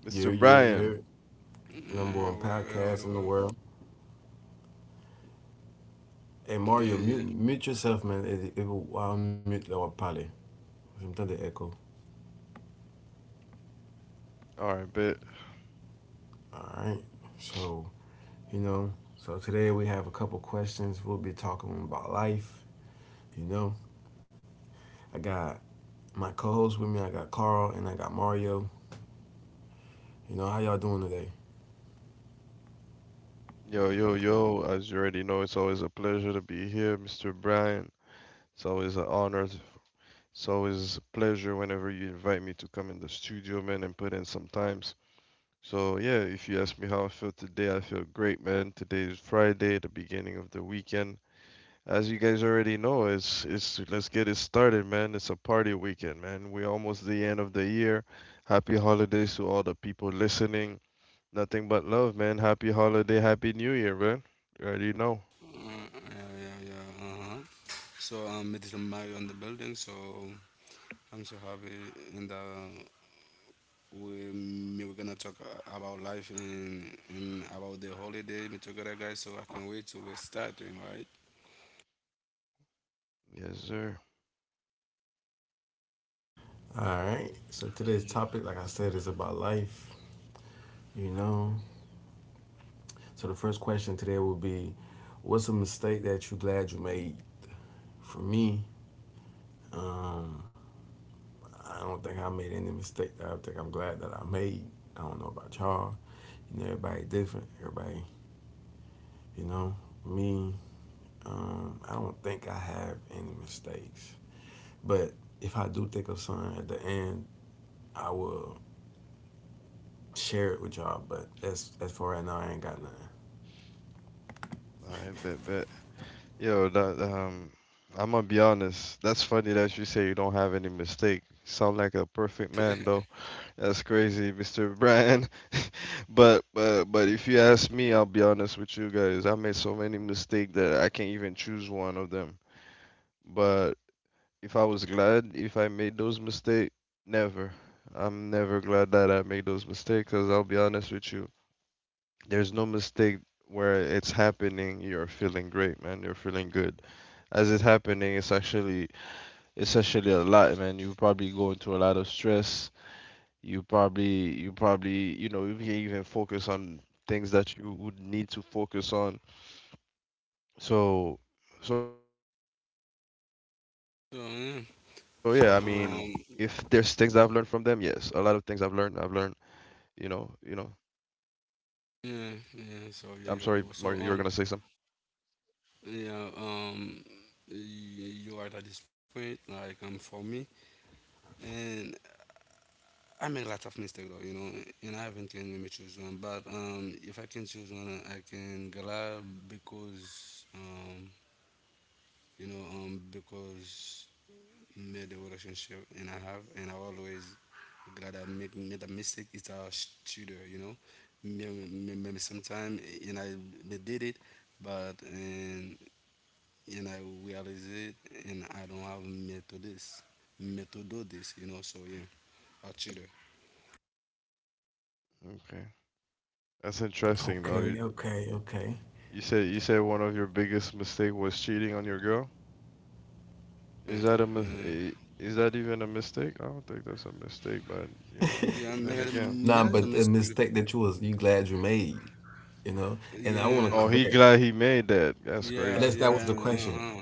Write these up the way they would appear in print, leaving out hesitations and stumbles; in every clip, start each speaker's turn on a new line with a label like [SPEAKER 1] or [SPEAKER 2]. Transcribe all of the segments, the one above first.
[SPEAKER 1] Mr.
[SPEAKER 2] You're you're
[SPEAKER 1] Brian.
[SPEAKER 2] you're number one
[SPEAKER 3] Yeah, well, well,
[SPEAKER 2] podcast in the
[SPEAKER 3] well, well.
[SPEAKER 2] world. Hey Mario,
[SPEAKER 3] Yeah,
[SPEAKER 2] mute
[SPEAKER 3] yeah,
[SPEAKER 2] mute yourself, man. It will I'll mute or probably sometimes the echo.
[SPEAKER 1] All right, bet.
[SPEAKER 2] All right. So you know. So today we have a couple questions. We'll be talking about life. You know, I got my co-host with me. I got Carl and I got Mario. You know, how y'all doing today?
[SPEAKER 1] Yo, yo, yo. As you already know, it's always a pleasure to be here, Mr. Brian. It's always an honor. It's always a pleasure whenever you invite me to come in the studio, man, and put in some times. So, yeah, if you ask me how I feel today, I feel great, man. Today is Friday, the beginning of the weekend. As you guys already know, it's let's get it started, man. It's a party weekend, man. We're almost the end of the year. Happy holidays to all the people listening. Nothing but love, man. Happy holiday, happy new year, man. You already know.
[SPEAKER 3] yeah, yeah, yeah, uh-huh. So it is Mario on the building. So I'm so happy, and we we're gonna talk about life and about the holiday. Me together, guys. So I can wait till we're starting, right?
[SPEAKER 1] Yes, sir.
[SPEAKER 2] All right. So
[SPEAKER 3] Mm.
[SPEAKER 2] today's topic, like I said, is about life. You know. So the first question today will be, what's a mistake that you glad you made? For me, um, I don't think I made any mistake that I think I'm glad that I made. I don't know about y'all. You know, everybody different. Everybody, you know, me. I don't think I have any mistakes. But if I do think of something at the end, I will share it with y'all. But as for right now, I ain't got nothing.
[SPEAKER 1] I bet, bet. Yo, that I'm gonna be honest. That's funny that you say you don't have any mistake. Sound like a perfect man, though. That's crazy, Mr. Brand. But if you ask me, I'll be honest with you guys. I made so many mistakes that I can't even choose one of them. But if I was glad if I made those mistakes, never. I'm never glad that I made those mistakes because I'll be honest with you. There's no mistake where it's happening. You're feeling great, man. You're feeling good. As it's happening, it's actually a lot, man. You're probably going through a lot of stress. You probably, you know, you can even focus on things that you would need to focus on. So, so yeah, I mean, if there's things that
[SPEAKER 3] So
[SPEAKER 1] I've learned
[SPEAKER 3] yeah,
[SPEAKER 1] from them, yes, a
[SPEAKER 3] so
[SPEAKER 1] lot of things I've learned, I've
[SPEAKER 3] yeah,
[SPEAKER 1] learned, you know. I'm
[SPEAKER 3] yeah,
[SPEAKER 1] sorry,
[SPEAKER 3] yeah, so
[SPEAKER 1] Mario, you
[SPEAKER 3] yeah,
[SPEAKER 1] were
[SPEAKER 3] you
[SPEAKER 1] gonna
[SPEAKER 3] are
[SPEAKER 1] say
[SPEAKER 3] both. So
[SPEAKER 1] something.
[SPEAKER 3] yeah, y- you are at this point, like for me, and I make a lot of mistake though, you know, and I haven't can let me choose one. But if I can choose one, I can Gala because you know because made the relationship and I have and I always glad I make made a mistake. It's a shooter, you know. Maybe, sometime and I they did it, but and I realize it and I don't have me to this, me to do this, you know. So yeah, a cheater.
[SPEAKER 1] Okay, that's interesting though.
[SPEAKER 2] Okay, okay,
[SPEAKER 1] You
[SPEAKER 2] okay.
[SPEAKER 1] you said you said one of your biggest mistake was cheating on your girl.
[SPEAKER 3] Yeah,
[SPEAKER 1] Is that
[SPEAKER 3] yeah.
[SPEAKER 1] is that even a mistake? I don't think that's a mistake, but you know,
[SPEAKER 3] Yeah,
[SPEAKER 1] then
[SPEAKER 3] mera,
[SPEAKER 1] again.
[SPEAKER 2] Nah,
[SPEAKER 3] mera is a
[SPEAKER 2] but the
[SPEAKER 3] mistake.
[SPEAKER 2] mistake that you glad you made, you know, and I want to
[SPEAKER 3] Yeah,
[SPEAKER 1] Oh, he
[SPEAKER 2] correct.
[SPEAKER 1] glad he made that. That's
[SPEAKER 3] yeah,
[SPEAKER 1] crazy.
[SPEAKER 2] That's that was
[SPEAKER 3] yeah,
[SPEAKER 2] the question.
[SPEAKER 3] uh-huh.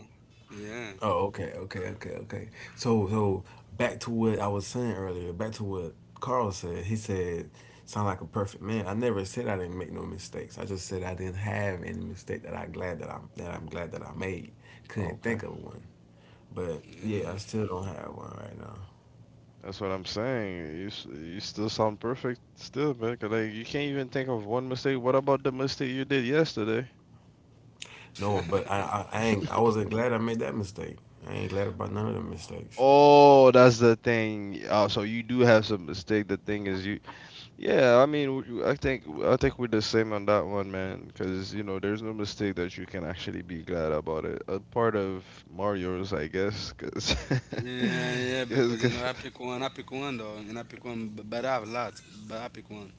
[SPEAKER 3] Yeah.
[SPEAKER 2] Oh, okay, okay, okay, okay. So back to what I was saying earlier. Back to what Carl said. He said, "Sound like a perfect man." I never said I didn't make no mistakes. I just said I didn't have any mistake that I glad that I'm glad that I made. Couldn't
[SPEAKER 1] Okay,
[SPEAKER 2] think of one, but
[SPEAKER 3] Yeah.
[SPEAKER 2] yeah, I still don't have one right now.
[SPEAKER 1] that's what I'm saying. You still sound perfect still, man, 'cause, like you can't even think of one mistake. What about the mistake you did yesterday?
[SPEAKER 2] No but I, I, I ain't. I wasn't glad I made that mistake. I ain't glad about none of the mistakes.
[SPEAKER 1] Oh, that's the thing. Oh, so you do have some mistake. The thing is, you. Yeah, I mean, I think we're the same on that one, man. Because you know, there's no mistake that you can actually be glad about it. A part of Mario's, I guess,
[SPEAKER 3] Yeah, yeah, because you
[SPEAKER 1] because
[SPEAKER 3] know I pick one though, and I pick one, but I have a lot, but I pick one.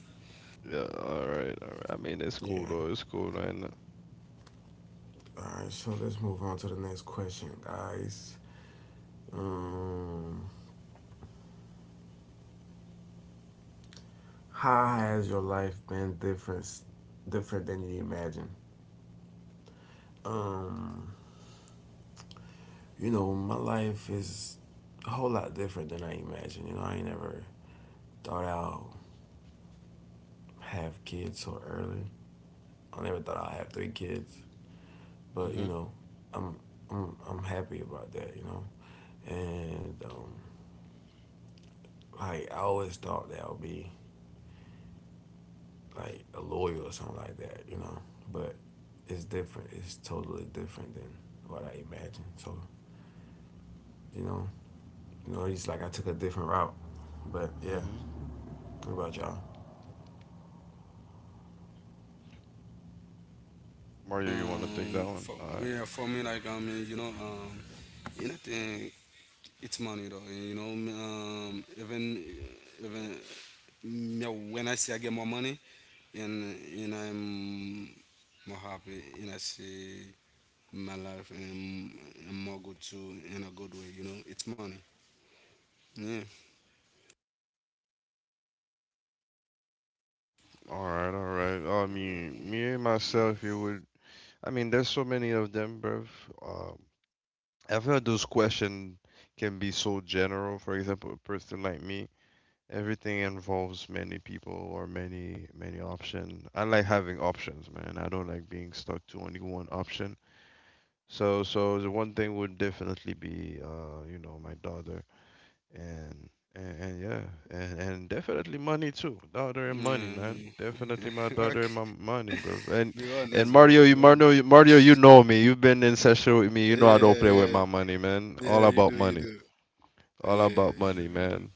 [SPEAKER 1] Yeah, all right, all right. I mean, it's cool
[SPEAKER 2] Yeah.
[SPEAKER 1] though. It's cool, man.
[SPEAKER 2] All right. So let's move on to the next question, guys. Um. How has your life been different, different than you imagine? Um, you know, my life is a whole lot different than I imagined. You know, I ain't never thought I'll have kids so early. I never thought I'll have three kids, but you
[SPEAKER 1] hmm
[SPEAKER 2] know, I'm I'm happy about that. You know, and like I always thought that I'll be like a lawyer or something like that. You know, but it's different. It's totally different than what I imagined. So you know, he's like I took a different route. But yeah,
[SPEAKER 1] hmm
[SPEAKER 2] what about y'all?
[SPEAKER 1] Mario, you want to take that
[SPEAKER 3] For
[SPEAKER 1] one? All
[SPEAKER 3] yeah,
[SPEAKER 1] right.
[SPEAKER 3] for me like I mean you know anything it's money though you know me, even even me when I see I get more money and I'm more happy and I see my life and more good too in a good way. You know, it's money. Yeah.
[SPEAKER 1] All right, all right. I mean, me and myself, it would. I mean, there's so many of them, bruv. Um, I feel those questions can be so general. For example, a person like me, everything involves many people or many options. I like having options, man. I don't like being stuck to only one option. So the one thing would definitely be, you know, my daughter. and and yeah, and definitely money too. Daughter and money, man.
[SPEAKER 3] Mm, yeah.
[SPEAKER 1] Definitely my daughter and
[SPEAKER 3] okay.
[SPEAKER 1] my money, bro.
[SPEAKER 3] Be
[SPEAKER 1] And
[SPEAKER 3] honest,
[SPEAKER 1] Mario,
[SPEAKER 3] bro. Be honest.
[SPEAKER 1] Mario, you know me. You've been in session with me. You know
[SPEAKER 3] Yeah,
[SPEAKER 1] I don't play with my
[SPEAKER 3] yeah,
[SPEAKER 1] money, man. All
[SPEAKER 3] yeah.
[SPEAKER 1] about
[SPEAKER 3] You do,
[SPEAKER 1] money.
[SPEAKER 3] you do.
[SPEAKER 1] All
[SPEAKER 3] Yeah, you
[SPEAKER 1] about
[SPEAKER 3] do, you
[SPEAKER 1] money,
[SPEAKER 3] do.
[SPEAKER 1] man.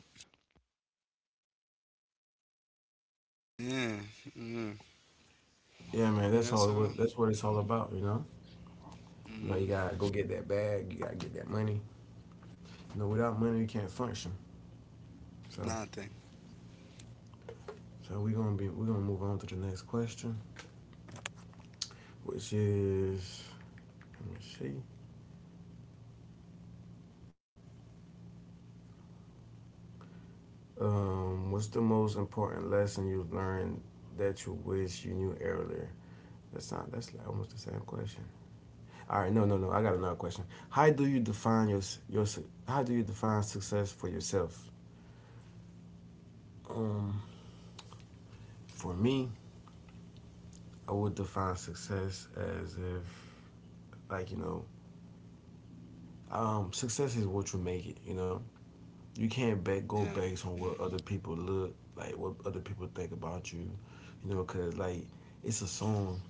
[SPEAKER 3] Yeah, yeah,
[SPEAKER 2] Yeah, man, that's
[SPEAKER 3] yeah.
[SPEAKER 2] all.
[SPEAKER 3] So,
[SPEAKER 2] That's what it's all about. You know, you
[SPEAKER 3] mm-hmm.
[SPEAKER 2] gotta go get that bag. You gotta get that money. You know, without money, you can't function. So,
[SPEAKER 3] Nothing.
[SPEAKER 2] so we gonna move on to the next question, which is let me see. What's the most important lesson you learned that you wish you knew earlier? That's not. That's like almost the same question. All right, no, no, no. I got another question. How do you define your your? s- How do you define success for yourself? Um, for me, I would define success as if, like, you know, success is what you make it. You know, you can't ba go
[SPEAKER 3] Yeah,
[SPEAKER 2] based
[SPEAKER 3] yeah,
[SPEAKER 2] on what other
[SPEAKER 3] yeah.
[SPEAKER 2] people look like, what other people think about you. You know, cause like it's a song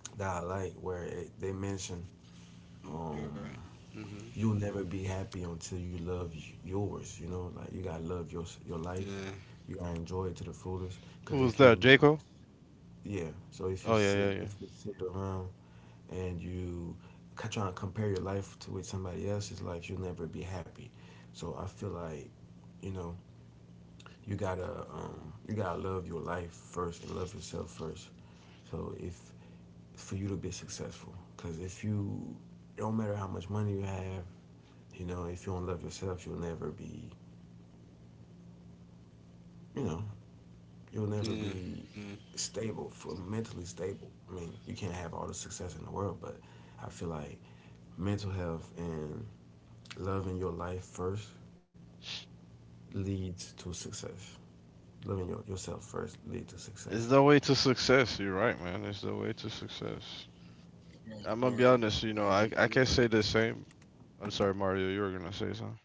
[SPEAKER 3] Mm-hmm.
[SPEAKER 2] that I like where they mention,
[SPEAKER 3] You're
[SPEAKER 2] um,
[SPEAKER 3] right. Mm-hmm.
[SPEAKER 2] you'll never be happy until you love yours. You know, like you gotta love your life.
[SPEAKER 3] Yeah,
[SPEAKER 2] You gotta enjoy it to the fullest. Cause
[SPEAKER 1] Who's
[SPEAKER 2] if
[SPEAKER 1] that,
[SPEAKER 2] you,
[SPEAKER 1] Jaco?
[SPEAKER 2] yeah, so
[SPEAKER 1] Oh, yeah, yeah, yeah.
[SPEAKER 2] if you sit around and you trying to compare your life to with somebody else's life, you'll never be happy. So I feel like, you know, you gotta love your life first and love yourself first. So if for you to be successful, because if you it don't matter how much money you have, you know, if you don't love yourself, you know, you'll never
[SPEAKER 3] yeah,
[SPEAKER 2] be
[SPEAKER 3] yeah.
[SPEAKER 2] stable for mentally stable. I mean, you can't have all the success in the world, but I feel like mental health and loving your life first leads to success. Loving yourself first leads to
[SPEAKER 1] It's
[SPEAKER 2] success.
[SPEAKER 1] the way to success. You're right, man. It's the way to success.
[SPEAKER 3] Right, you're
[SPEAKER 1] I'm
[SPEAKER 3] right,
[SPEAKER 1] gonna be
[SPEAKER 3] you're
[SPEAKER 1] honest. You
[SPEAKER 3] right,
[SPEAKER 1] know,
[SPEAKER 3] you're
[SPEAKER 1] I
[SPEAKER 3] right.
[SPEAKER 1] can't say the same. I'm sorry, Mario. You were gonna say something.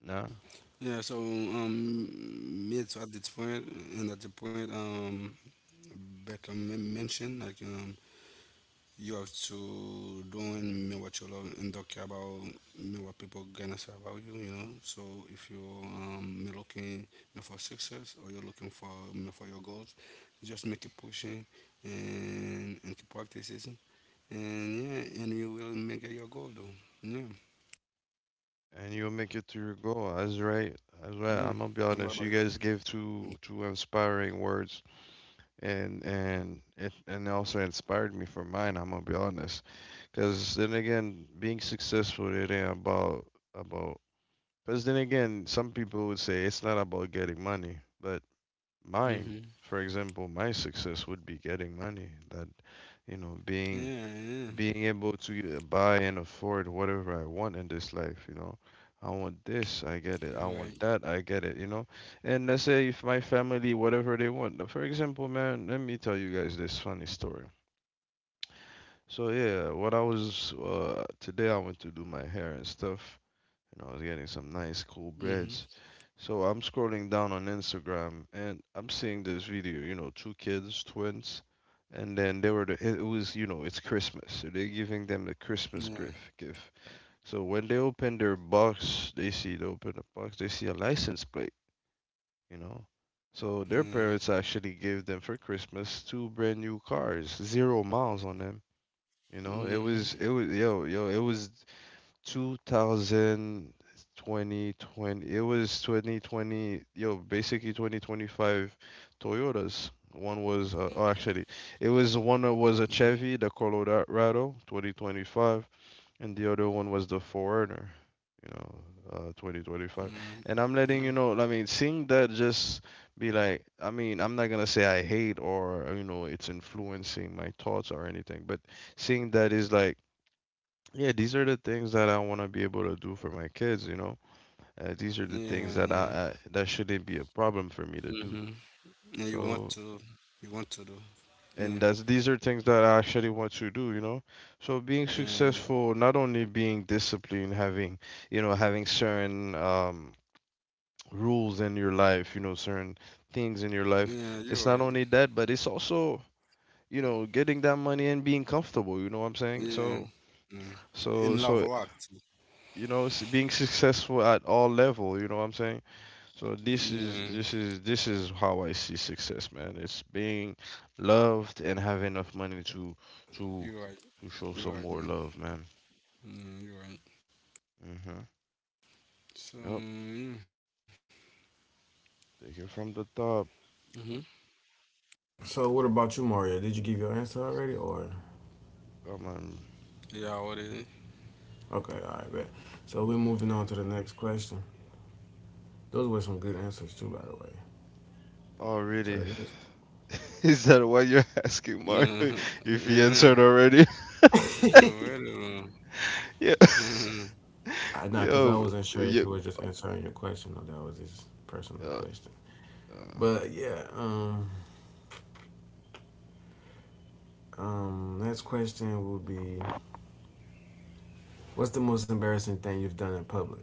[SPEAKER 1] Nah.
[SPEAKER 3] Yeah. So, me too at this point, and at the point, Beckham mentioned, like you have to doing me what you love and don't care about me what people gonna say about you, you know. So if you me looking me for success or you're looking for me for your goals, just make it pushing and keep practicing and yeah, and you will make it your goal though. Yeah,
[SPEAKER 1] And you'll make it to your goal. That's right.
[SPEAKER 3] yeah.
[SPEAKER 1] That's right.
[SPEAKER 3] And what
[SPEAKER 1] I'm
[SPEAKER 3] about
[SPEAKER 1] gonna
[SPEAKER 3] your
[SPEAKER 1] be
[SPEAKER 3] goal?
[SPEAKER 1] honest. You guys give two inspiring words, and it and also inspired me for mine. I'm gonna be honest, because then again, being successful it ain't about about. Because then again, some people would say it's not about getting money, but mine,
[SPEAKER 3] Mm-hmm.
[SPEAKER 1] for example, my success would be getting money. That you know, being
[SPEAKER 3] Yeah, yeah.
[SPEAKER 1] being able to buy and afford whatever I want in this life, you know. I want this, I get it. I
[SPEAKER 3] You're
[SPEAKER 1] want
[SPEAKER 3] right.
[SPEAKER 1] that, I get it, you know. And let's say if my family, whatever they want. For example, man, let me tell you guys this funny story. So yeah, what I was today I went to do my hair and stuff, you know, I was getting some nice, cool
[SPEAKER 3] Mm-hmm.
[SPEAKER 1] breads. So I'm scrolling down on Instagram and I'm seeing this video, you know, two kids, twins, and then it was, you know, it's Christmas, so they're giving them the Christmas
[SPEAKER 3] Yeah,
[SPEAKER 1] gift gift. So when they open the box, they see a license plate, you know. So their parents
[SPEAKER 3] yeah.
[SPEAKER 1] actually gave them for Christmas two brand new cars, 0 miles on them. You know, it was it
[SPEAKER 3] Mm-hmm.
[SPEAKER 1] was yo it was 2020, 20, twenty, it was 2020, yo, basically 2025 Toyotas. One was, oh, actually, it was one that was a
[SPEAKER 3] Yeah,
[SPEAKER 1] Chevy, the Colorado 2025, and the other one was the Foreigner, you know,
[SPEAKER 3] yeah,
[SPEAKER 1] 2025. And I'm
[SPEAKER 3] yeah.
[SPEAKER 1] letting you know, I mean, seeing that just be like, I mean, I'm not gonna say I hate or, you know, it's influencing my thoughts or anything, but seeing that is like, yeah, these are the things that I want to be able to do for my kids, you know. These are the things
[SPEAKER 3] Yeah,
[SPEAKER 1] that
[SPEAKER 3] yeah.
[SPEAKER 1] I that shouldn't be a problem for me to do.
[SPEAKER 3] Mm-hmm. And
[SPEAKER 1] So,
[SPEAKER 3] you want to do.
[SPEAKER 1] and
[SPEAKER 3] Yeah,
[SPEAKER 1] that's these are things that I actually want to do, you know. So being
[SPEAKER 3] yeah, yeah.
[SPEAKER 1] successful, not only being disciplined, having, you know, having certain rules in your life, you know, certain things in your life.
[SPEAKER 3] Yeah, you're
[SPEAKER 1] It's not
[SPEAKER 3] right.
[SPEAKER 1] only that, but it's also, you know, getting that money and being comfortable, you know what I'm saying?
[SPEAKER 3] Yeah,
[SPEAKER 1] So,
[SPEAKER 3] yeah.
[SPEAKER 1] so,
[SPEAKER 3] In love
[SPEAKER 1] so
[SPEAKER 3] rock too.
[SPEAKER 1] you know being successful at all level, you know what I'm saying. So this is
[SPEAKER 3] Yeah,
[SPEAKER 1] this is this is how I see success, man. It's being loved and having enough money to to
[SPEAKER 3] you're right.
[SPEAKER 1] to show
[SPEAKER 3] You're
[SPEAKER 1] some
[SPEAKER 3] right,
[SPEAKER 1] more
[SPEAKER 3] man.
[SPEAKER 1] love, man.
[SPEAKER 3] Yeah, you're right.
[SPEAKER 1] Mhm.
[SPEAKER 3] So,
[SPEAKER 1] Yep.
[SPEAKER 3] yeah.
[SPEAKER 1] Take it from the top.
[SPEAKER 3] Mm-hmm.
[SPEAKER 2] So, what about you, Mario? Did you give your answer already, or
[SPEAKER 1] Come on.
[SPEAKER 3] Yeah, what is it?
[SPEAKER 2] okay, all right, bet. So we're moving on to the next question. Those were some good answers too, by the way.
[SPEAKER 1] Oh,
[SPEAKER 2] So the
[SPEAKER 1] really?
[SPEAKER 2] next,
[SPEAKER 1] Is that why you're asking Mario
[SPEAKER 3] Yeah,
[SPEAKER 1] if he
[SPEAKER 3] yeah,
[SPEAKER 1] answered already?
[SPEAKER 3] yeah, wait
[SPEAKER 1] Yeah.
[SPEAKER 3] a minute.
[SPEAKER 2] I not because I
[SPEAKER 1] Yo,
[SPEAKER 2] wasn't sure if
[SPEAKER 1] yeah.
[SPEAKER 2] you were just answering your question or that was his personal
[SPEAKER 1] uh,
[SPEAKER 2] question.
[SPEAKER 1] uh,
[SPEAKER 2] But yeah, next question will be, what's the most embarrassing thing you've done in public?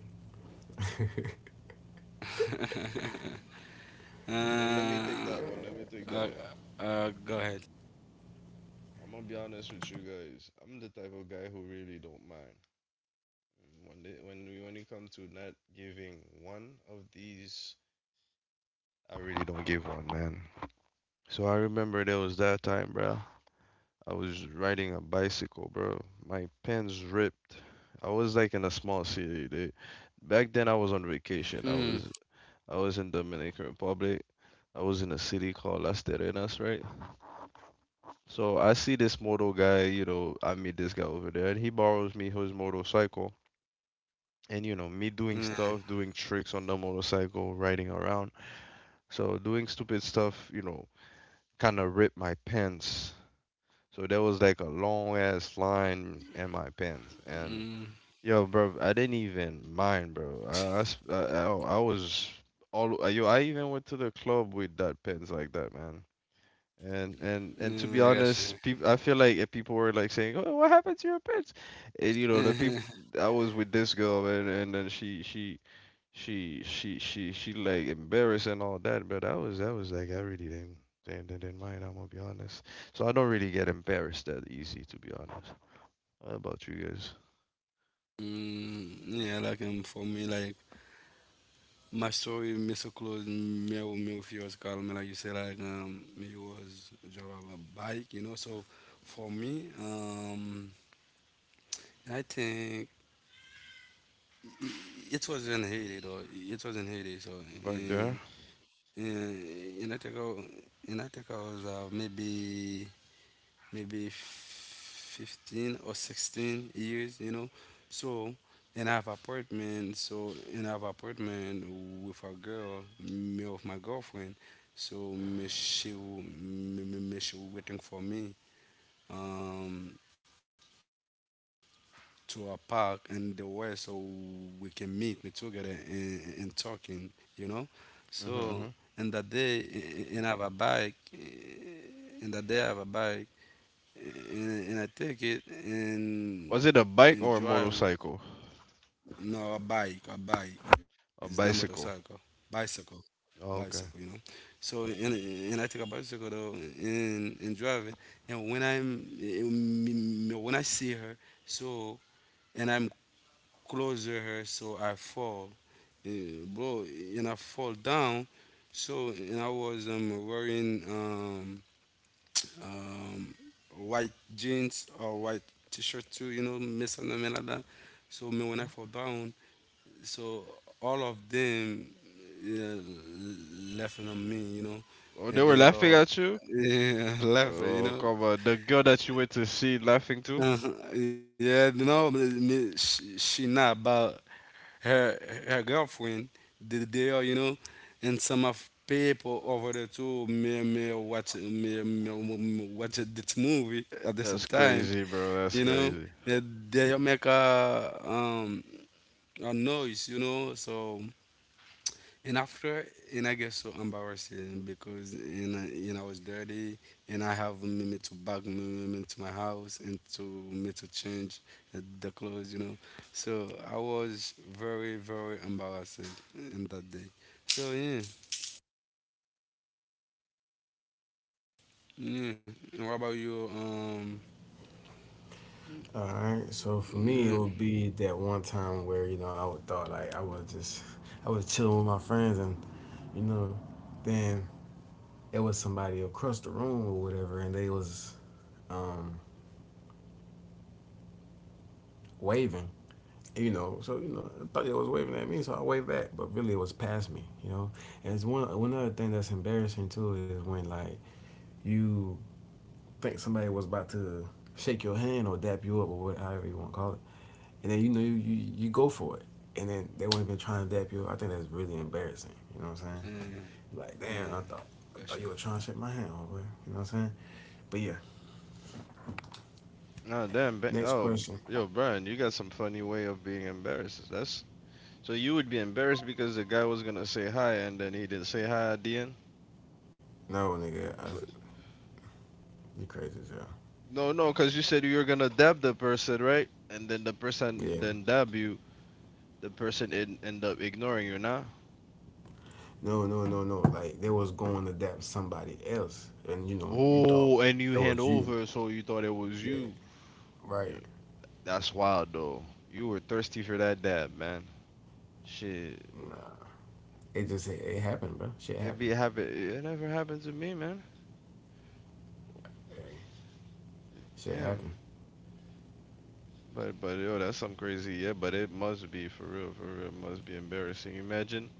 [SPEAKER 1] no,
[SPEAKER 3] uh,
[SPEAKER 1] let me take that.
[SPEAKER 3] uh, go ahead.
[SPEAKER 1] I'm gonna be honest with you guys. I'm the type of guy who really don't mind. When they, when it come to not giving one of these, I really don't give one, man. So I remember there was that time, bro. I was riding a bicycle, bro. My pants ripped. I was like in a small city. They, back then I was on
[SPEAKER 3] Mm,
[SPEAKER 1] vacation. I was in Dominican Republic. I was in a city called Las Terrenas, right? So I see this moto guy, you know, I meet this guy over there, and he borrows me his motorcycle. And you know, me doing
[SPEAKER 3] mm,
[SPEAKER 1] stuff, doing tricks on the motorcycle, riding around. So doing stupid stuff, you know, kind of ripped my pants. So there was like a long ass line in my pants. And
[SPEAKER 3] mm,
[SPEAKER 1] yo, bro, I didn't even mind, bro. I was all, yo, I even went to the club with that pants like that, man. And
[SPEAKER 3] yeah,
[SPEAKER 1] to
[SPEAKER 3] I
[SPEAKER 1] be
[SPEAKER 3] got
[SPEAKER 1] honest, people, I feel like if people were like saying, "Oh, what happened to your pets?" And you know, the people
[SPEAKER 3] you.
[SPEAKER 1] I was with this girl, and then she like embarrassed and all that, but I was like I really didn't mind. I'm gonna be honest. So I don't really get embarrassed that easy, to be honest. What about you guys
[SPEAKER 3] Mm, yeah, like for me, like my story, Mr. Close, me, or me, if you was call me, like you say, like me was drive a bike, you know. So for me, I think it was in Haiti, though. It was in Haiti, so
[SPEAKER 1] back there?
[SPEAKER 3] and and I think and I think I was maybe 15 or 16 years, you know. So, and I have apartment, so, and I have apartment with a girl, me of my girlfriend. So, me, she waiting for me um, to a park and the way so we can meet me together and talking, you know. So,
[SPEAKER 1] hmm
[SPEAKER 3] in
[SPEAKER 1] hmm
[SPEAKER 3] that day, and I have a bike, eh, in that day I have a bike and I take it
[SPEAKER 1] Was it a bike
[SPEAKER 3] and
[SPEAKER 1] or a
[SPEAKER 3] drive
[SPEAKER 1] motorcycle?
[SPEAKER 3] no a bike it's not
[SPEAKER 1] A
[SPEAKER 3] motorcycle
[SPEAKER 1] bicycle.
[SPEAKER 3] bicycle
[SPEAKER 1] Oh,
[SPEAKER 3] bicycle you know
[SPEAKER 1] okay.
[SPEAKER 3] so and I take a bicycle though and drive it and when I see her so and I'm closer her so I fall. Eh, bro and I fall down so and I was wearing um, white jeans or white t-shirt too, you know, miss and them like that. So me when I
[SPEAKER 1] hmm
[SPEAKER 3] fall down, so all of them yeah, laughing on me, you know,
[SPEAKER 1] Oh, they
[SPEAKER 3] and
[SPEAKER 1] were
[SPEAKER 3] they
[SPEAKER 1] laughing
[SPEAKER 3] all
[SPEAKER 1] at you.
[SPEAKER 3] yeah, laughing,
[SPEAKER 1] Oh,
[SPEAKER 3] you know.
[SPEAKER 1] come on. The girl that you went to see laughing too?
[SPEAKER 3] Uh-huh. Yeah, no, me, she not, but her her girlfriend, they are, you know, and some of people over there too, me watch this movie at the same
[SPEAKER 1] That's
[SPEAKER 3] time.
[SPEAKER 1] crazy, bro. That's
[SPEAKER 3] You know
[SPEAKER 1] crazy.
[SPEAKER 3] they make a noise you know so and after and I get so embarrassing because and I was dirty and I have me to bag me to my house and to me to change the clothes you know so I was very very embarrassed in that day so yeah yeah and what about you
[SPEAKER 2] All right, so for me, it
[SPEAKER 3] yeah,
[SPEAKER 2] would be that one time where you know I would thought like I was just I was chilling with my friends and you know then it was somebody across the room or whatever and they was um, waving, you know, so you know I thought they was waving at me so I waved back but really it was past me, you know, and it's one other thing that's embarrassing too is when like you think somebody was about to shake your hand or dap you up or whatever you want to call it, and then you know you go for it, and then they weren't even trying to dap you up. I think that's really embarrassing. You know what I'm saying?
[SPEAKER 3] yeah,
[SPEAKER 2] Like,
[SPEAKER 3] yeah.
[SPEAKER 2] damn,
[SPEAKER 3] Gotcha.
[SPEAKER 2] I thought you were trying to shake my hand, homeboy. You know what I'm saying? But yeah,
[SPEAKER 1] No, damn.
[SPEAKER 2] next
[SPEAKER 1] Oh,
[SPEAKER 2] question.
[SPEAKER 1] yo, Brian, you got some funny way of being embarrassed. That's, so you would be embarrassed because the guy was gonna say hi and then he didn't say hi at the end.
[SPEAKER 2] No, nigga,
[SPEAKER 1] If—
[SPEAKER 2] you crazy as hell.
[SPEAKER 1] No, no, because you said you were gonna dab the person, right? And then the
[SPEAKER 2] Yeah.
[SPEAKER 1] person then dab you. The person end up ignoring you, nah.
[SPEAKER 2] No, no, no, no. Like they was going to dap somebody else, and you know you thought
[SPEAKER 1] Oh, and you
[SPEAKER 2] it
[SPEAKER 1] hand
[SPEAKER 2] was you.
[SPEAKER 1] over, so you thought it was
[SPEAKER 2] Yeah.
[SPEAKER 1] you.
[SPEAKER 2] Right.
[SPEAKER 1] Yeah. That's wild, though. You were thirsty for that dab, man. Shit,
[SPEAKER 2] Nah. It just it happened, bro. Shit
[SPEAKER 1] it be
[SPEAKER 2] happened.
[SPEAKER 1] happen. It never happened to me, man.
[SPEAKER 2] Hey, shit
[SPEAKER 1] Damn.
[SPEAKER 2] happened.
[SPEAKER 1] But yo, that's some crazy. Yeah, but it must be for real. For real, it must be embarrassing. Imagine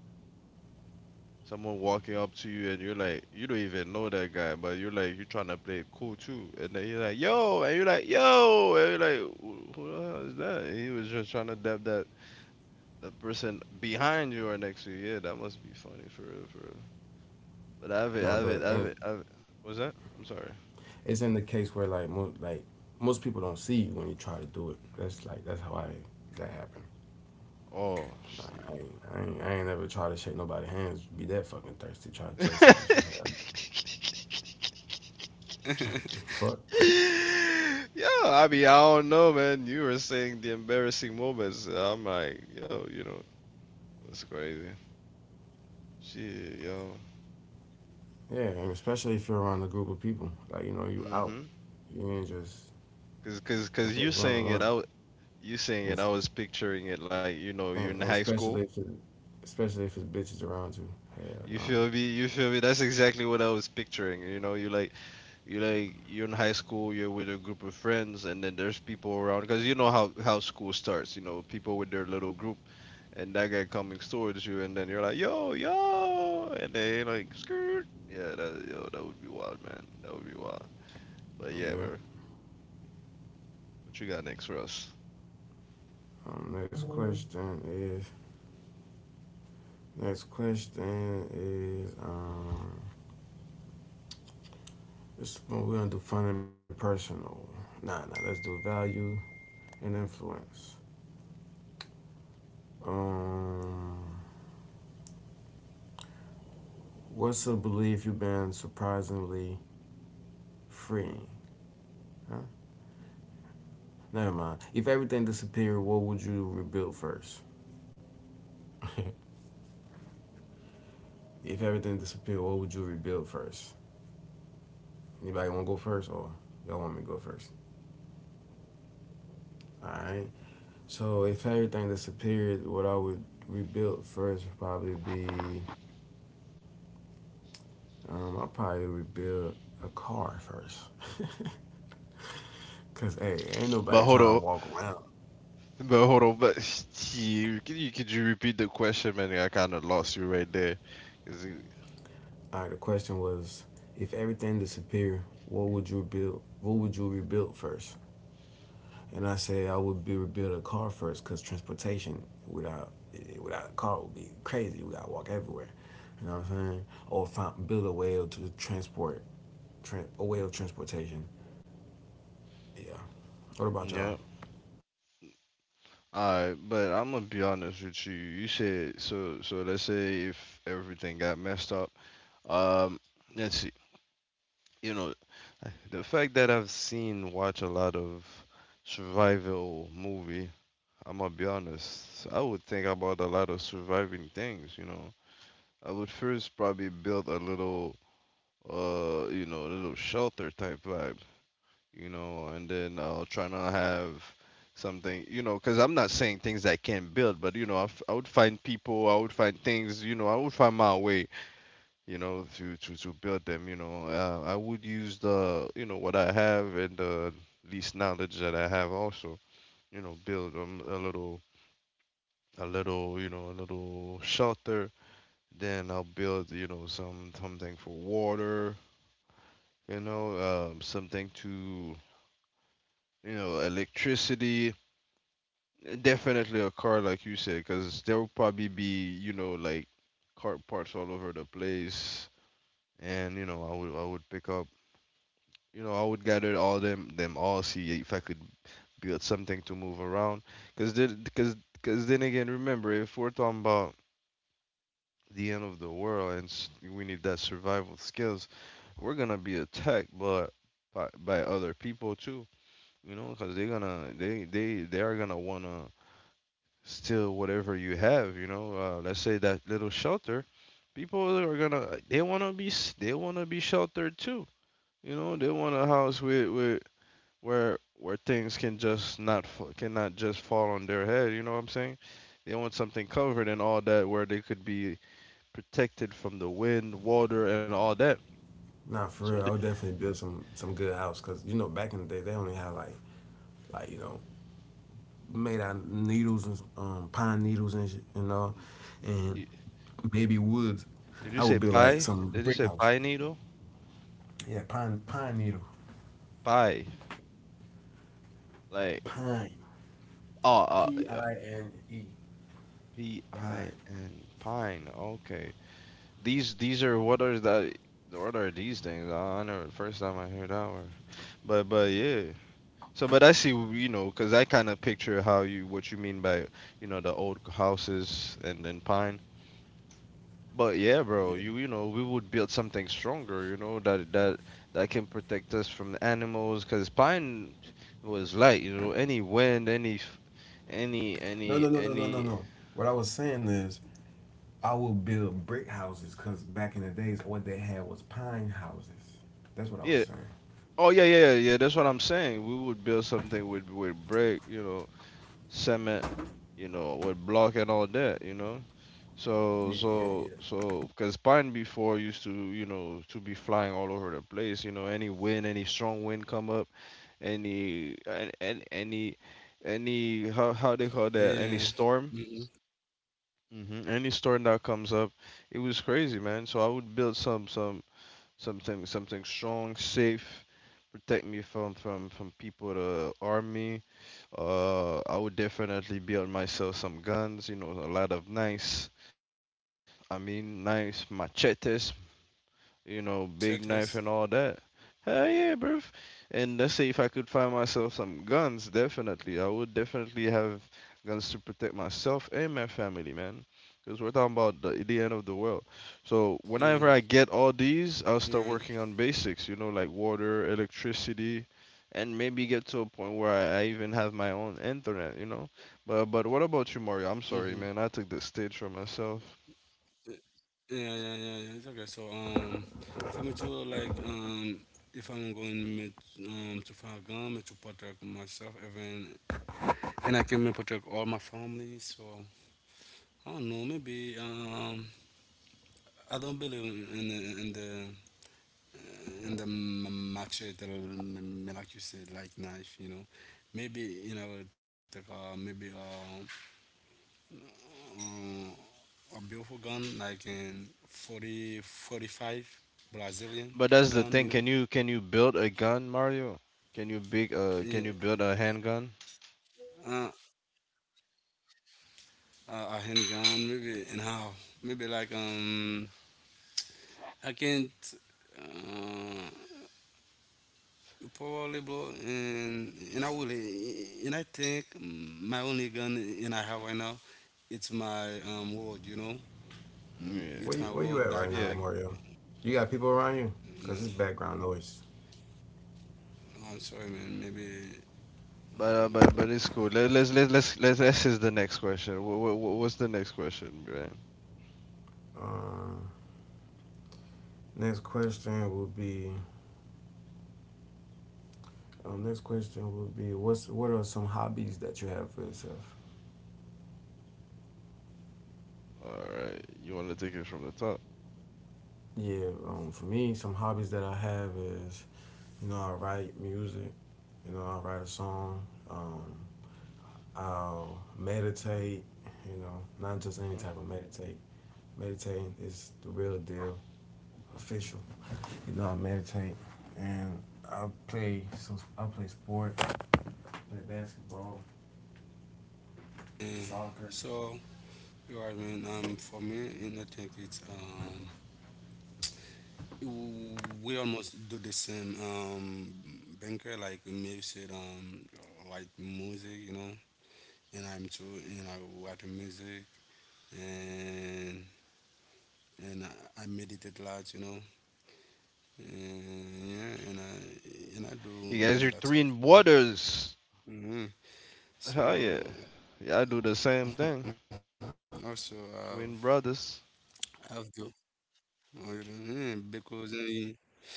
[SPEAKER 1] someone walking up to you and you're like, you don't even know that guy, but you're like, you're trying to play it cool too, and then he's like, yo, and you're like, yo, and you're like, who the hell is that? And he was just trying to dab that the person behind you or next to you. Yeah, that must be funny for real. For real. But I have it. I
[SPEAKER 2] Nah,
[SPEAKER 1] have it.
[SPEAKER 2] but
[SPEAKER 1] I have
[SPEAKER 2] and
[SPEAKER 1] it. I have it. What's that? I'm sorry.
[SPEAKER 2] it's in the case where like most people don't see you when you try to do it. That's like that's how I that happened.
[SPEAKER 1] Oh,
[SPEAKER 2] Nah,
[SPEAKER 1] shit.
[SPEAKER 2] I ain't ever try to shake nobody's hands. Be that fucking thirsty. Try to chase them and shit. Hell, fuck.
[SPEAKER 1] Yeah, I mean, I don't know, man. You were saying the embarrassing moments. I'm like, yo, that's crazy. Shit, yo.
[SPEAKER 2] Yeah, and especially if you're around a group of people. Like you know you out.
[SPEAKER 1] Mm-hmm.
[SPEAKER 2] You ain't just
[SPEAKER 1] Cause, cause,
[SPEAKER 2] if
[SPEAKER 1] cause
[SPEAKER 2] it's
[SPEAKER 1] you
[SPEAKER 2] one on
[SPEAKER 1] saying it
[SPEAKER 2] one.
[SPEAKER 1] out, you saying it.
[SPEAKER 2] And
[SPEAKER 1] I was picturing it like, you're in
[SPEAKER 2] and
[SPEAKER 1] high school.
[SPEAKER 2] especially if especially if it's bitches around you. Hell
[SPEAKER 1] You
[SPEAKER 2] no.
[SPEAKER 1] feel me? You feel me? That's exactly what I was picturing. You like you're in high school, you're with a group of friends, and then there's people around, cuz you know how school starts, people with their little group, and that guy coming towards you, and then you're like, "Yo, yo." And they like, "Skirt." Yeah, that would be wild, man. That would be wild. But yeah,
[SPEAKER 2] Yeah.
[SPEAKER 1] bro. What you got next for us?
[SPEAKER 2] Next question is next question is um. This one we're gonna do fun and personal. Nah, nah. Let's do value and influence. Um, what's a belief you've been surprisingly freeing? Huh? Never mind. If everything disappeared, what would you rebuild first? If everything disappeared, what would you rebuild first? Anybody want to go first, or y'all want me to go first? All right. So if everything disappeared, what I would rebuild first would probably be I'll probably rebuild a car first. Cause hey, ain't
[SPEAKER 1] But
[SPEAKER 2] nobody
[SPEAKER 1] hold
[SPEAKER 2] trying to
[SPEAKER 1] on,
[SPEAKER 2] walk around.
[SPEAKER 1] but hold on, but you, could you could you repeat the question, man? I kind of lost you right there. Is it,
[SPEAKER 2] All right, the question was, if everything disappeared, what would you rebuild? What would you rebuild first? And I said I would be rebuild a car first, cause transportation without without a car would be crazy. We gotta walk everywhere. You know what I'm saying? Or build a way to transport, tran a way of transportation. Yeah. What about y'all?
[SPEAKER 1] yeah. Alright, but I'm gonna be honest with you. You said so. So let's say if everything got messed up. Um, let's see. You know, the fact that I've seen watch a lot of survival movie. I'm gonna be honest. I would think about a lot of surviving things. You know, I would first probably build a little shelter type, like, and then I'll try not have something, because I'm not saying things I can't build, but I would find people, I would find things, I would find my way, to, build them, I would use what I have, and the least knowledge that I have also, build a little you know a little shelter, then I'll build something for water, something to, electricity. Definitely a car, like you said, because there will probably be, like, car parts all over the place, and I would pick up, I would gather all them them all, see if I could build something to move around, because then again, remember, if we're talking about the end of the world, we need that survival skills. We're gonna be attacked, but by other people too, because they are gonna wanna steal whatever you have. Let's say that little shelter, people are gonna, they wanna be sheltered too. They want a house with where things can just not fa- cannot just fall on their head. You know what I'm saying? They want something covered and all that, where they could be protected from the wind, water, and all that.
[SPEAKER 2] Nah,
[SPEAKER 1] So
[SPEAKER 2] for real,
[SPEAKER 1] th-
[SPEAKER 2] I would definitely build some good house, cause you know back in the day they only had like you know made out of needles and pine needles and shit and all, and
[SPEAKER 1] y-
[SPEAKER 2] baby woods.
[SPEAKER 1] did you
[SPEAKER 2] I
[SPEAKER 1] say
[SPEAKER 2] would build like
[SPEAKER 1] pie?
[SPEAKER 2] some
[SPEAKER 1] Did you
[SPEAKER 2] brick
[SPEAKER 1] say
[SPEAKER 2] house.
[SPEAKER 1] pine needle?
[SPEAKER 2] Yeah, pine needle,
[SPEAKER 1] Pie, like,
[SPEAKER 2] pine,
[SPEAKER 1] oh uh,
[SPEAKER 2] P
[SPEAKER 1] uh,
[SPEAKER 2] I N E,
[SPEAKER 1] P I
[SPEAKER 2] pine.
[SPEAKER 1] N pine. Okay. These are what are these things? Oh, I never, first time I heard that word. But yeah. So but I see, because I kind of picture how you what you mean by, the old houses, and then pine. But yeah, bro,
[SPEAKER 2] Yeah.
[SPEAKER 1] you know we would build something stronger. You know that can protect us from the animals, because pine was light. Any wind, any f-, any
[SPEAKER 2] No,
[SPEAKER 1] any
[SPEAKER 2] no, no, no, no,
[SPEAKER 1] any
[SPEAKER 2] no, no. What I was saying is, I would build brick houses because back in the days, what they had was pine houses. That's what I was
[SPEAKER 1] yeah.
[SPEAKER 2] saying.
[SPEAKER 1] Oh yeah, yeah, yeah. Yeah, that's what I'm saying. We would build something with brick, you know, cement, you know, with block and all that, you know. So
[SPEAKER 2] Yeah, yeah,
[SPEAKER 1] so
[SPEAKER 2] yeah.
[SPEAKER 1] so because pine, before, used to, you know, to be flying all over the place, you know. Any wind, any strong wind come up, any an- any how they call that,
[SPEAKER 3] yeah
[SPEAKER 1] any storm.
[SPEAKER 3] mm-hmm.
[SPEAKER 1] Any storm that comes up, it was crazy, man. So I would build some, something something strong, safe, protect me from, people, to arm me. I would definitely build myself some guns, you know, a lot of nice, I mean, nice machetes,
[SPEAKER 3] Sure, Tess.
[SPEAKER 1] big knife and all that. Hell yeah, bruv. And let's say if I could find myself some guns, definitely. I would definitely have guns to protect myself and my family, man. Because we're talking about the end of the
[SPEAKER 3] Yeah,
[SPEAKER 1] world. So whenever I get
[SPEAKER 3] right.
[SPEAKER 1] all these, I'll start working on basics, like water, electricity, and maybe get to a point where I even have my own internet. But what about you,
[SPEAKER 3] Mm-hmm.
[SPEAKER 1] Mario? I'm sorry, man. I took the stage for myself.
[SPEAKER 3] Yeah, yeah, yeah, yeah. Yeah, it's okay. So, for me to like, if I'm going met, to Fargam to protect myself, even, and I can protect all my family. So, I don't know. Maybe, I don't believe in the in the machete, like you said, like knife. You know, maybe you know, like, maybe um, a beautiful gun, like in 45
[SPEAKER 1] But
[SPEAKER 3] Brazilian
[SPEAKER 1] that's the thing.
[SPEAKER 3] gun,
[SPEAKER 1] Can
[SPEAKER 3] you
[SPEAKER 1] you
[SPEAKER 3] know.
[SPEAKER 1] can you build a gun, Mario? Can you
[SPEAKER 3] Yeah,
[SPEAKER 1] big uh can you build a handgun?
[SPEAKER 3] uh, a handgun, maybe, and how? Maybe like, I can't, uh, probably blow, and I will, and I think my only gun in I have right now, it's my word, you know.
[SPEAKER 1] Yeah.
[SPEAKER 2] Where you
[SPEAKER 3] It's
[SPEAKER 2] at
[SPEAKER 3] my
[SPEAKER 2] right
[SPEAKER 3] word,
[SPEAKER 2] now,
[SPEAKER 1] Yeah.
[SPEAKER 3] like, I,
[SPEAKER 2] Mario? You got people around you? Cause
[SPEAKER 3] you
[SPEAKER 2] it's
[SPEAKER 3] know.
[SPEAKER 2] background noise.
[SPEAKER 3] Oh, I'm sorry, man, maybe,
[SPEAKER 1] But
[SPEAKER 3] um,
[SPEAKER 1] it's cool. Let, let's this is the next question. What's the next question, Brian?
[SPEAKER 2] Um, Next question will be. Next question will be what's what are some hobbies that you have for yourself?
[SPEAKER 1] All right. You want to take it from the top?
[SPEAKER 2] Yeah, for me, some hobbies that I have is you know I write music, you know I write a song, um, I'll meditate, you know not just
[SPEAKER 1] Hmm.
[SPEAKER 2] any type of meditate. Meditating is the real deal, official. You know I meditate and I play sport, I play basketball,
[SPEAKER 3] eh,
[SPEAKER 2] soccer.
[SPEAKER 3] so, Sure, I mean, for me, you know, I think it's we almost do the same. Banker like Mave said, like music, you know, and I'm too, you know, write music and and I meditate a lot, you know, and yeah, and I do
[SPEAKER 1] You guys
[SPEAKER 3] me
[SPEAKER 1] are
[SPEAKER 3] lots of
[SPEAKER 1] twin
[SPEAKER 3] things.
[SPEAKER 1] brothers.
[SPEAKER 3] hmm
[SPEAKER 1] Hell
[SPEAKER 3] So
[SPEAKER 1] yeah. Yeah, I do the
[SPEAKER 3] also
[SPEAKER 1] same thing.
[SPEAKER 3] I've do
[SPEAKER 1] Twin brothers.
[SPEAKER 3] oh, you know, yeah, because yeah, so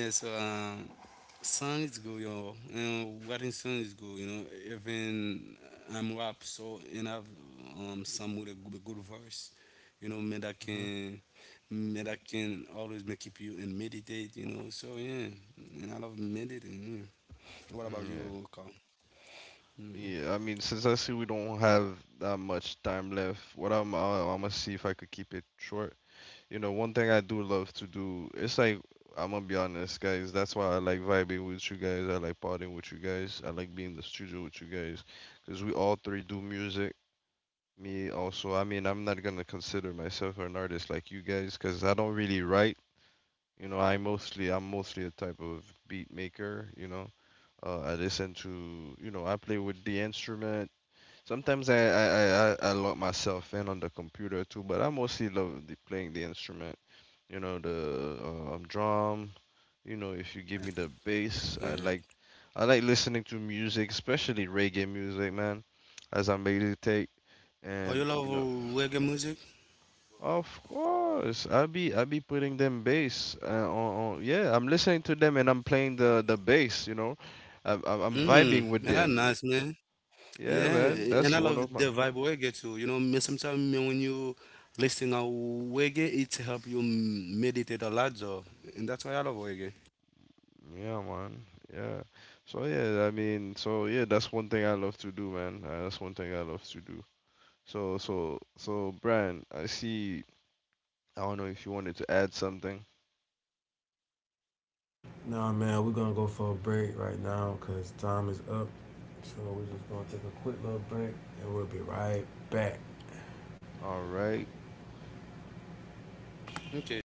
[SPEAKER 3] Song is good, yo. And wedding song is good, you know. Even I'm rap, so and I've some with a good, good verse, you know,
[SPEAKER 1] Hmm.
[SPEAKER 3] me that can always make keep you and meditate, you know. So yeah, and I love meditating. Yeah. What about you,
[SPEAKER 1] Yeah.
[SPEAKER 3] Carl? Mm.
[SPEAKER 1] Yeah, I mean, since I see we don't have that much time left, I'm gonna see if I could keep it short. One thing I do love to do, it's like, I'm gonna be honest, guys. That's why I like vibing with you guys. I like partying with you guys. I like being in the studio with you guys. Because we all three do music. Me also. I mean, I'm not gonna consider myself an artist like you guys, because I don't really write. I'm mostly a type of beat maker. I listen to, I play with the instrument. Sometimes I lock myself in on the computer too, but I mostly love playing the instrument, the drum. If you give me the bass, i
[SPEAKER 3] Yeah.
[SPEAKER 1] like i like listening to music, especially reggae music, man, as I meditate,
[SPEAKER 3] Oh,
[SPEAKER 1] and
[SPEAKER 3] you love reggae music?
[SPEAKER 1] of course I be putting them bass, on, yeah, I'm listening to them, and I'm playing the bass, you know, I'm
[SPEAKER 3] Mm, man,
[SPEAKER 1] vibing with
[SPEAKER 3] that's nice,
[SPEAKER 1] them.
[SPEAKER 3] man. Yeah,
[SPEAKER 1] Yeah, man,
[SPEAKER 3] and I
[SPEAKER 1] that's
[SPEAKER 3] love
[SPEAKER 1] one of
[SPEAKER 3] the
[SPEAKER 1] my,
[SPEAKER 3] vibe reggae too. You know, me sometimes me when you listen to reggae, it help you meditate a lot though, and that's why I love reggae.
[SPEAKER 1] yeah, man, yeah. So yeah, I mean, so yeah, that's one thing I love to do, man. That's one thing I love to do. So Brian, I see, I don't know if you wanted to add something.
[SPEAKER 2] Nah, man, we're gonna go for a break right now because time is up. So we're just gonna take a quick little break and we'll be right back.
[SPEAKER 1] All right.
[SPEAKER 3] Okay, so.